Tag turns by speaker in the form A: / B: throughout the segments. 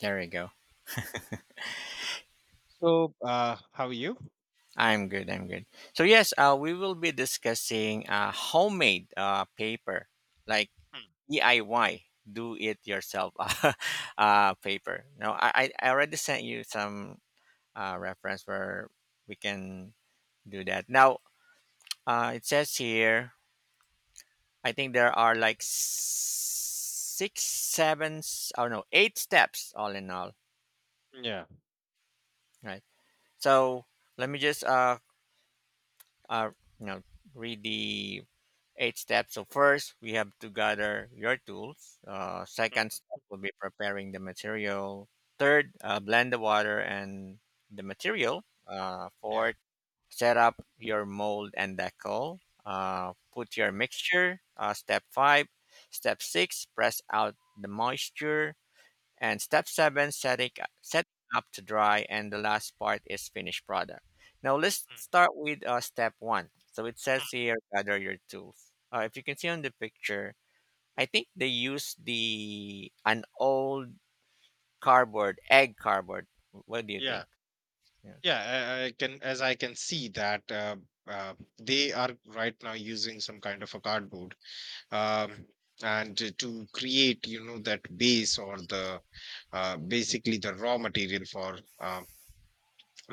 A: There we go.
B: So, how are you?
A: I'm good. I'm good. So yes, we will be discussing homemade paper, like
B: Hmm,
A: DIY, do it yourself paper. Now, I already sent you some reference where we can do that. Now, it says here, I think there are like six, seven, oh no, eight steps all in all,
B: Yeah.
A: right? So let me just uh you know read the eight steps. So first, we have to gather your tools. Second
B: hmm,
A: step will be preparing the material. Third, blend the water and the material.
B: Yeah.
A: Fourth, set up your mold and decal. Put your mixture. Step five. Step six, press out the moisture, and step seven, setting up to dry, and the last part is finished product. Now let's
B: hmm,
A: start with step one. So it says
B: hmm,
A: here, gather your tools. If you can see on the picture, I think they use the an old cardboard, egg cardboard. What do you
B: Yeah.
A: think? Yeah,
B: Yeah. I can, as I can see that they are right now using some kind of a cardboard. um, and to create, you know, that base or the basically the raw material for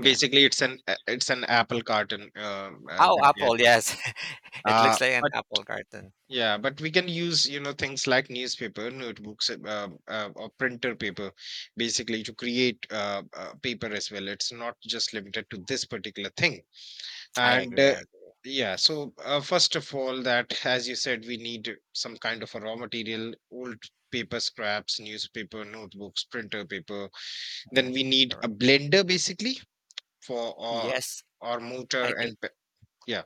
A: yeah.
B: basically, it's an apple carton that
A: Oh,
B: they're
A: apple, yes. It
B: uh,
A: looks like an apple carton.
B: yeah, but we can use, you know, things like newspaper, notebooks, or printer paper, basically to create paper as well. It's not just limited to this particular thing.
A: i
B: And
A: agree i agree
B: yeah, so first of all, that as you said, we need some kind of a raw material, old paper scraps, newspaper, notebooks, printer paper. Then
A: Yes,
B: we
A: that's
B: need a
A: correct.
B: blender, basically, for
A: Yes.
B: or
A: i
B: motor
A: think
B: and yeah,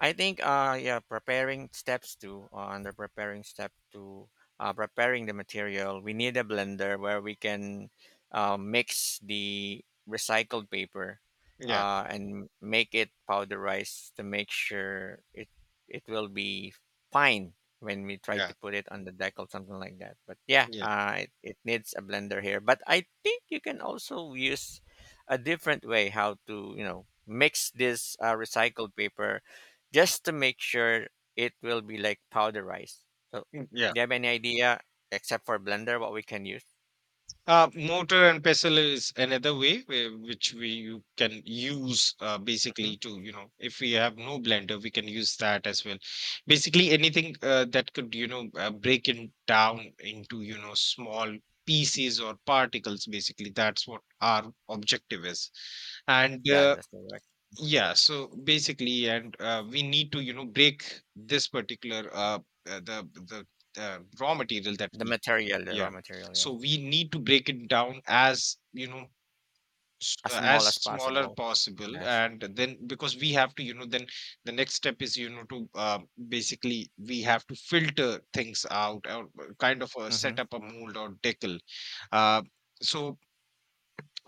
A: I think uh yeah, preparing steps to under preparing step to preparing the material, we need a blender where we can mix the recycled paper
B: yeah,
A: and make it powderized to make sure it will be fine when we try
B: yeah,
A: to put it on the deck or something like that. But yeah,
B: yeah.
A: it needs a blender here. But I think you can also use a different way how to, you know, mix this recycled paper, just to make sure it will be like powder rice. So,
B: Yeah,
A: do you have any idea, except for blender, what we can use?
B: Motor and pestle is another way where, which we you can use
A: Hmm.
B: basically to, you know, if we have no blender, we can use that as well. Basically anything that could, you know, break it down into, you know, small pieces or particles. Basically that's what our objective is. And
A: Yes, that's correct.
B: yeah, so basically and we need to, you know, break this particular the raw material that
A: The
B: we
A: material, the
B: yeah.
A: raw material,
B: So
A: yes,
B: we need to break it down as, you know,
A: as small
B: as
A: as
B: smaller
A: possible.
B: possible.
A: Yes.
B: And then because we have to, you know, then the next step is, you know, to basically we have to filter things out or kind of
A: Mm-hmm.
B: set up a mold or decal. Uh, so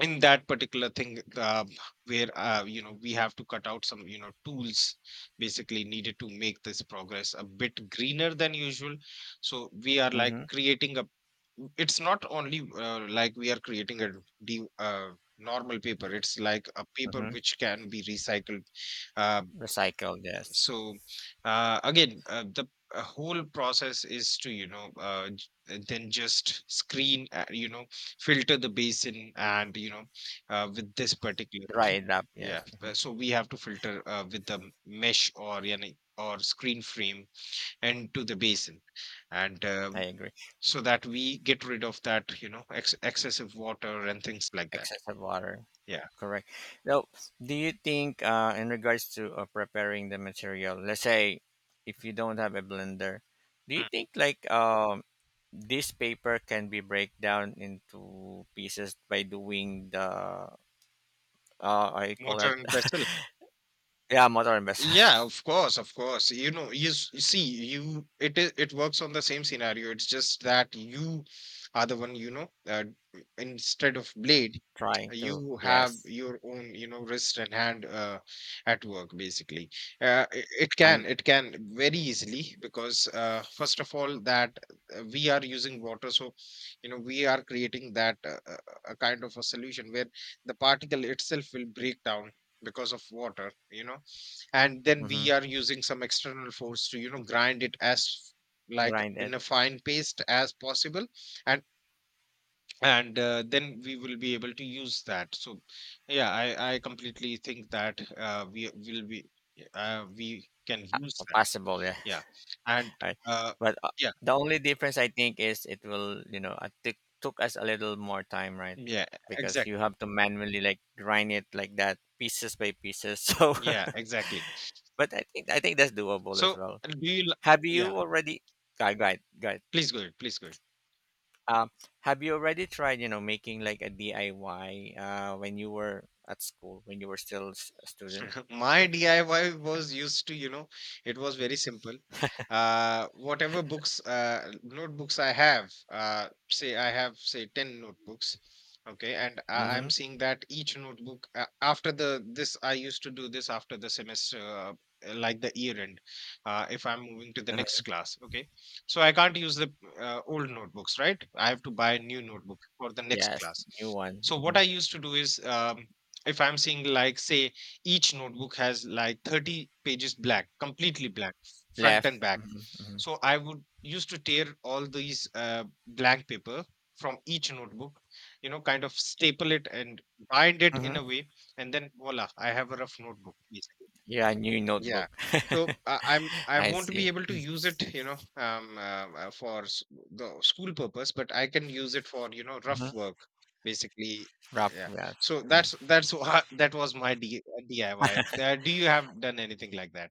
B: in that particular thing where you know, we have to cut out some, you know, tools basically needed to make this progress a bit greener than usual. So we are like
A: Mm-hmm.
B: creating a, it's not only like we are creating a de- uh, normal paper, it's like a paper
A: Mm-hmm.
B: which can be recycled. uh,
A: Recycle, yes.
B: so again the whole process is to, you know, then just screen, you know, filter the basin and you know with this particular
A: Dry it up,
B: yeah,
A: yes. Hmm.
B: so we have to filter with the mesh or you know, or screen frame into the basin. And
A: I agree.
B: so that we get rid of that, you know, excessive water and things like that.
A: Excessive water,
B: Yeah.
A: correct. Now, do you think, in regards to preparing the material, let's say if you don't have a blender, do you
B: Mm.
A: think like this paper can be break down into pieces by doing the I call
B: Motor
A: that
B: and vessel.
A: yeah, motor and vessel.
B: Yeah, of course, of course. You know, you, you see, you, it is, it works on the same scenario. It's just that you are the one, you know, instead of blade,
A: Trying to,
B: you have
A: yes.
B: your own, you know, wrist and hand at work basically. It can
A: And
B: it can very easily because first of all that we are using water, so you know, we are creating that a kind of a solution where the particle itself will break down because of water, you know, and then
A: mhm,
B: we are using some external force to, you know, grind it as like
A: grind
B: in
A: it.
B: a fine paste as possible. And then we will be able to use that. So yeah, I completely think that we will be we can use that.
A: Possible, yeah.
B: Yeah. and
A: Right.
B: uh,
A: But
B: yeah,
A: the only difference I think is it will, you know, it took us a little more time, right?
B: yeah,
A: Because you
B: exactly,
A: have to manually like grind it like that, pieces by pieces. So
B: yeah, exactly.
A: but I think that's doable as
B: So
A: well.
B: do you
A: Have you
B: yeah,
A: already, go ahead, go ahead, go ahead.
B: please go ahead, please go ahead.
A: Um, have you already tried, you know, making like a DIY when you were at school, when you were still a student?
B: My DIY was used to, you know, it was very simple. Whatever books, notebooks I have, say I have, say, 10 notebooks. Okay. And I,
A: Mm-hmm.
B: I'm seeing that each notebook, after the, this, I used to do this after the semester, like the year end, if I'm moving to the next
A: uh
B: class. Okay. So I can't use the old notebooks, right? I have to buy a new notebook for the next
A: Yes,
B: class.
A: new one.
B: So what I
A: Mhm.
B: used to do is, if I'm seeing like say each notebook has like 30 pages black, completely black, front
A: Left.
B: and back.
A: Mm-hmm.
B: So I would used to tear all these blank paper from each notebook, you know, kind of staple it and bind it in
A: Hmm.
B: a way, and then voila, I have a rough notebook basically.
A: Yeah, new
B: Yeah.
A: notebook.
B: So I I'm I
A: I
B: won't be
A: see.
B: able to use it, you know, for the school purpose, but I can use it for, you know, rough
A: Hmm.
B: work, basically. Yeah.
A: Rough, yes.
B: So
A: Mhm.
B: that's that was my D DIY. Do you have done anything like that?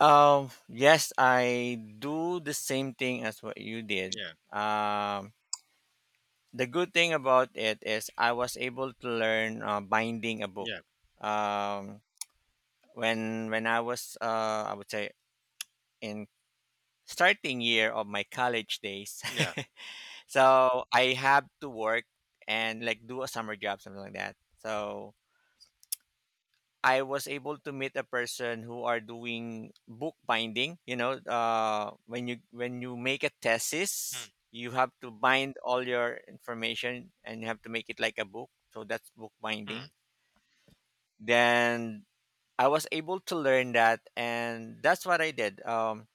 A: Yes, I do the same thing as what you did.
B: Yeah.
A: Um, the good thing about it is I was able to learn binding a book.
B: Yeah.
A: Um, when I was, I would say, in starting year of my college days.
B: Yeah.
A: So I have to work and like do a summer job, something like that. So I was able to meet a person who are doing bookbinding. You know, when you make a
B: Mm,
A: thesis, you have to bind all your information and you have to make it like a book. So that's
B: mm,
A: bookbinding. Then I was able to learn that, and that's what I did. Um,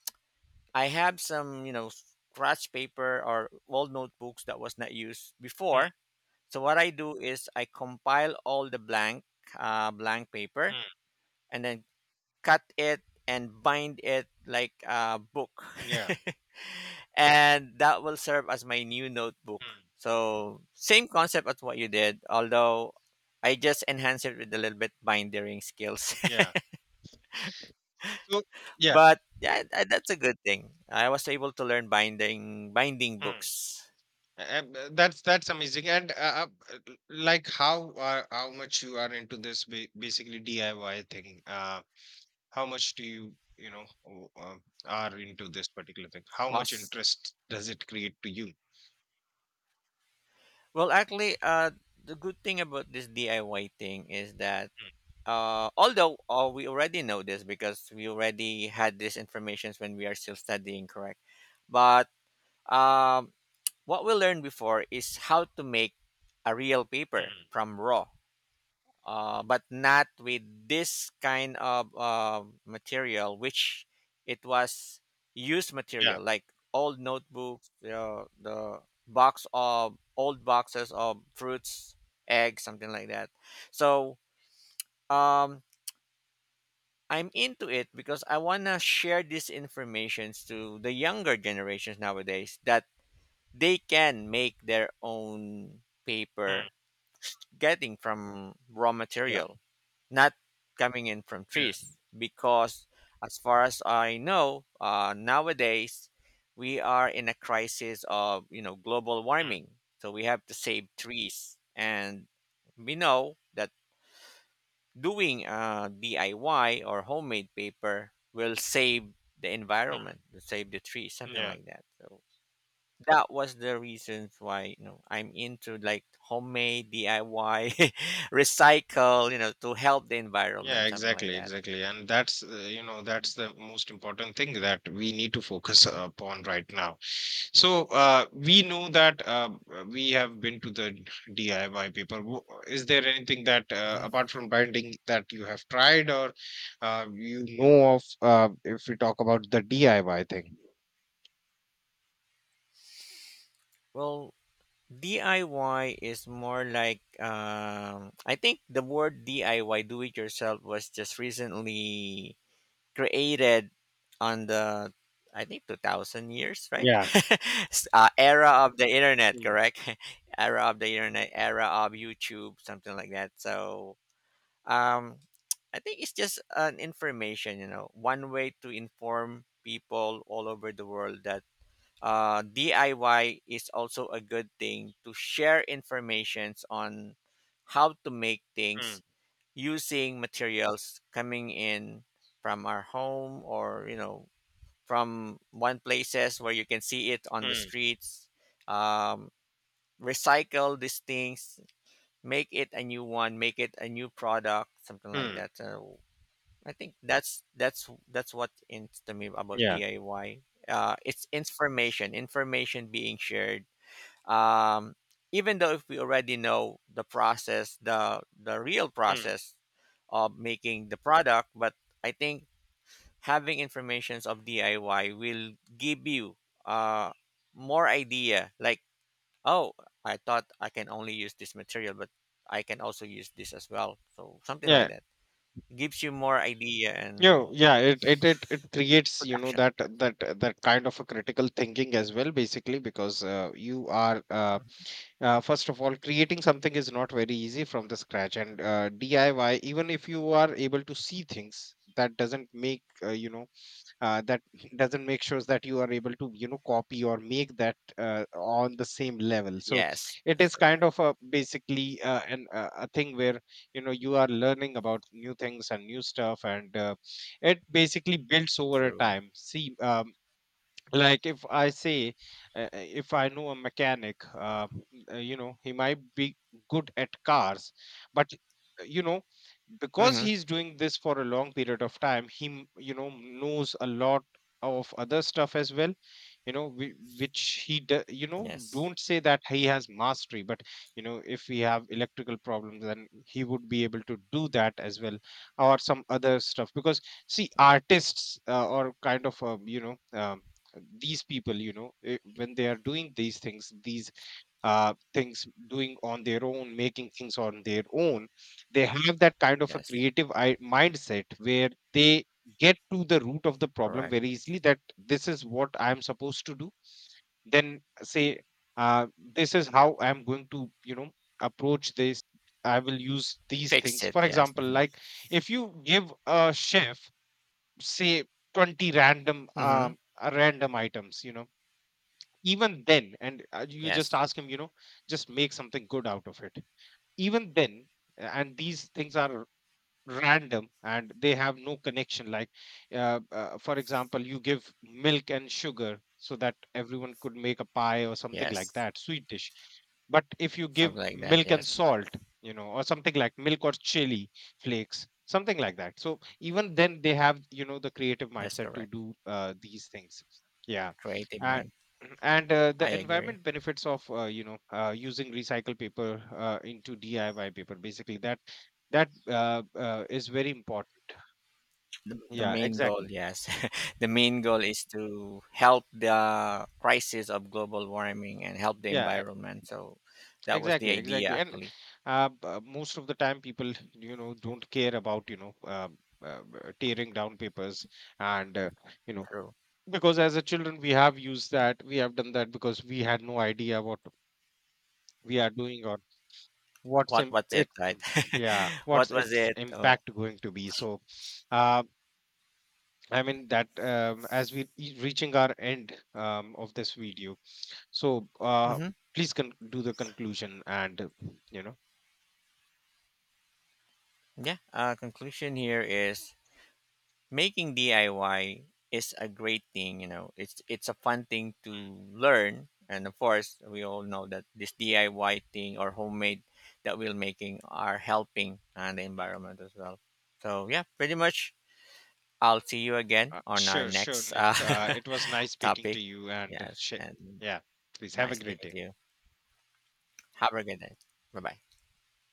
A: I have some, you know, scratch paper or old notebooks that was not used
B: mm,
A: before. So what I do is I compile all the blank, blank paper,
B: mm,
A: and then cut it and bind it like a book,
B: yeah.
A: and that will serve as my new
B: Mm,
A: notebook. So same concept as what you did, although I just enhanced it with a little bit binding skills.
B: yeah. So yeah.
A: But yeah, that's a good thing. I was able to learn binding
B: Mm.
A: books.
B: That's amazing, and like how much you are into this basically DIY thing. How much do you, you know, are into this particular thing, how much interest does it create to you?
A: Well, actually, the good thing about this DIY thing is that
B: Mm,
A: although we already know this because we already had this information when we are still studying, correct? But um, what we learned before is how to make a real paper
B: mm,
A: from raw, but not with this kind of material, which it was used
B: Yeah.
A: material like old notebooks, the box of old boxes of fruits, eggs, something like that. So um, I'm into it because I wanna share these informations to the younger generations nowadays, that they can make their own
B: mm,
A: paper getting from raw
B: Yeah.
A: material, not coming in from
B: Yeah.
A: trees, because as far as I know, nowadays we are in a crisis of, you know, global
B: mm,
A: warming, so we have to save trees, and we know that doing DIY or homemade paper will save the environment, will save the trees,
B: mm,
A: something
B: Yeah.
A: like that. So that was the reasons why, you know, I'm into like homemade DIY, recycle, you know, to help the
B: Yeah,
A: environment, something like
B: exactly,
A: that.
B: exactly. And that's you know, that's the most important thing that we need to focus upon right now. So we know that we have been to the DIY paper. Is there anything that
A: Mhm.
B: apart from binding that you have tried or you know of if we talk about the DIY thing?
A: Well, DIY is more like I think the word DIY, do it yourself, was just recently created on the, I think, 2000 years, right?
B: Yeah.
A: Era of the internet,
B: Mm,
A: correct? Era of the internet, era of YouTube, something like that. So um, I think it's just an information, you know, one way to inform people all over the world that DIY is also a good thing to share informations on how to make things
B: mm,
A: using materials coming in from our home, or, you know, from one places where you can see it on the
B: mm,
A: streets. Um, recycle these things, make it a new one, make it a new product, something like
B: mm.
A: that, I think that's what ins me about
B: Yeah.
A: DIY. It's information, information being shared. Um, even though if we already know the process, the real
B: Mm.
A: process of making the product, but I think having informations of DIY will give you uh, more idea. Like, oh, I thought I can only use this material, but I can also use this as well. So something like
B: Yeah.
A: that gives you more idea,
B: You,
A: and
B: yeah, it creates, you know,
A: production.
B: that that kind of a critical thinking as well, basically, because you are first of all, creating something is not very easy from the scratch, and DIY. Even if you are able to see things, that doesn't make you know that doesn't make sure that you are able to, you know, copy or make that on the same level. So
A: Yes,
B: it
A: that's
B: is kind
A: correct.
B: of a basically an a thing where, you know, you are learning about new things and new stuff, and it basically builds over a
A: True.
B: time. See, like if I say if I know a mechanic, you know, he might be good at cars, but you know, because
A: Hmm.
B: he's doing this for a long period of time, he you know, knows a lot of other stuff as well, you know, which he you know,
A: Yes.
B: don't say that he has mastery, but you know, if we have electrical problems, then he would be able to do that as well or some other stuff. Because see, artists or kind of these people, you know, when they are doing these things, these things, doing on their own, making things on their own, they have that kind of a
A: Yes.
B: creative mindset where they get to the root of the problem
A: Correct.
B: very easily, that this is what I am supposed to do, then say uh, this is how I am going to, you know, approach this. I will use these
A: Fixed
B: things,
A: it.
B: for
A: Yes.
B: example,
A: Hmm.
B: like if you give a chef say 20 random
A: Hmm.
B: random items, you know, even then, and you just
A: Yes.
B: ask him, you know, just make something good out of it, even then and these things are random and they have no connection like for example, you give milk and sugar so that everyone could make a pie or something like
A: Yes.
B: that sweet dish, but if you give
A: Something like that.
B: milk and
A: Yes.
B: salt, you know, or something like milk or chili flakes, something like that, so even then they have, you know, the creative
A: That's
B: mindset to
A: correct.
B: do these things, yeah.
A: Creative
B: And
A: mind.
B: and the
A: I agree.
B: environment benefits of using recycled paper into DIY paper basically, that that is very important.
A: The
B: Yeah,
A: main goal,
B: exactly.
A: yes. The main goal is to help the crisis of global warming and help the
B: Yeah,
A: environment. So that was the
B: exactly,
A: idea,
B: exactly. And
A: actually.
B: most of the time, people, you know, don't care about, you know, tearing down papers and, you know,
A: True.
B: because as a children, we have used that, we have done that because we had no idea what we are doing or what's
A: What was
B: it,
A: it, right?
B: yeah, what's
A: What was
B: its
A: it? Oh.
B: impact going to be. So, uh, I mean that as we reaching our end of this video. So,
A: Hmm.
B: please do the conclusion and, you know.
A: Yeah. Conclusion here is making DIY is a great thing, you know. It's a fun thing to learn, and of course, we all know that this DIY thing or homemade that we're making are helping and the
B: Mm, mm.
A: environment as well. So yeah, pretty much. I'll see you again on our
B: Sure, sure,
A: next
B: Nick. It was nice speaking to
A: topic.
B: you and,
A: Yes, and
B: yeah, please have a
A: nice
B: great
A: speaking
B: day.
A: to you. Have a good day. Bye bye.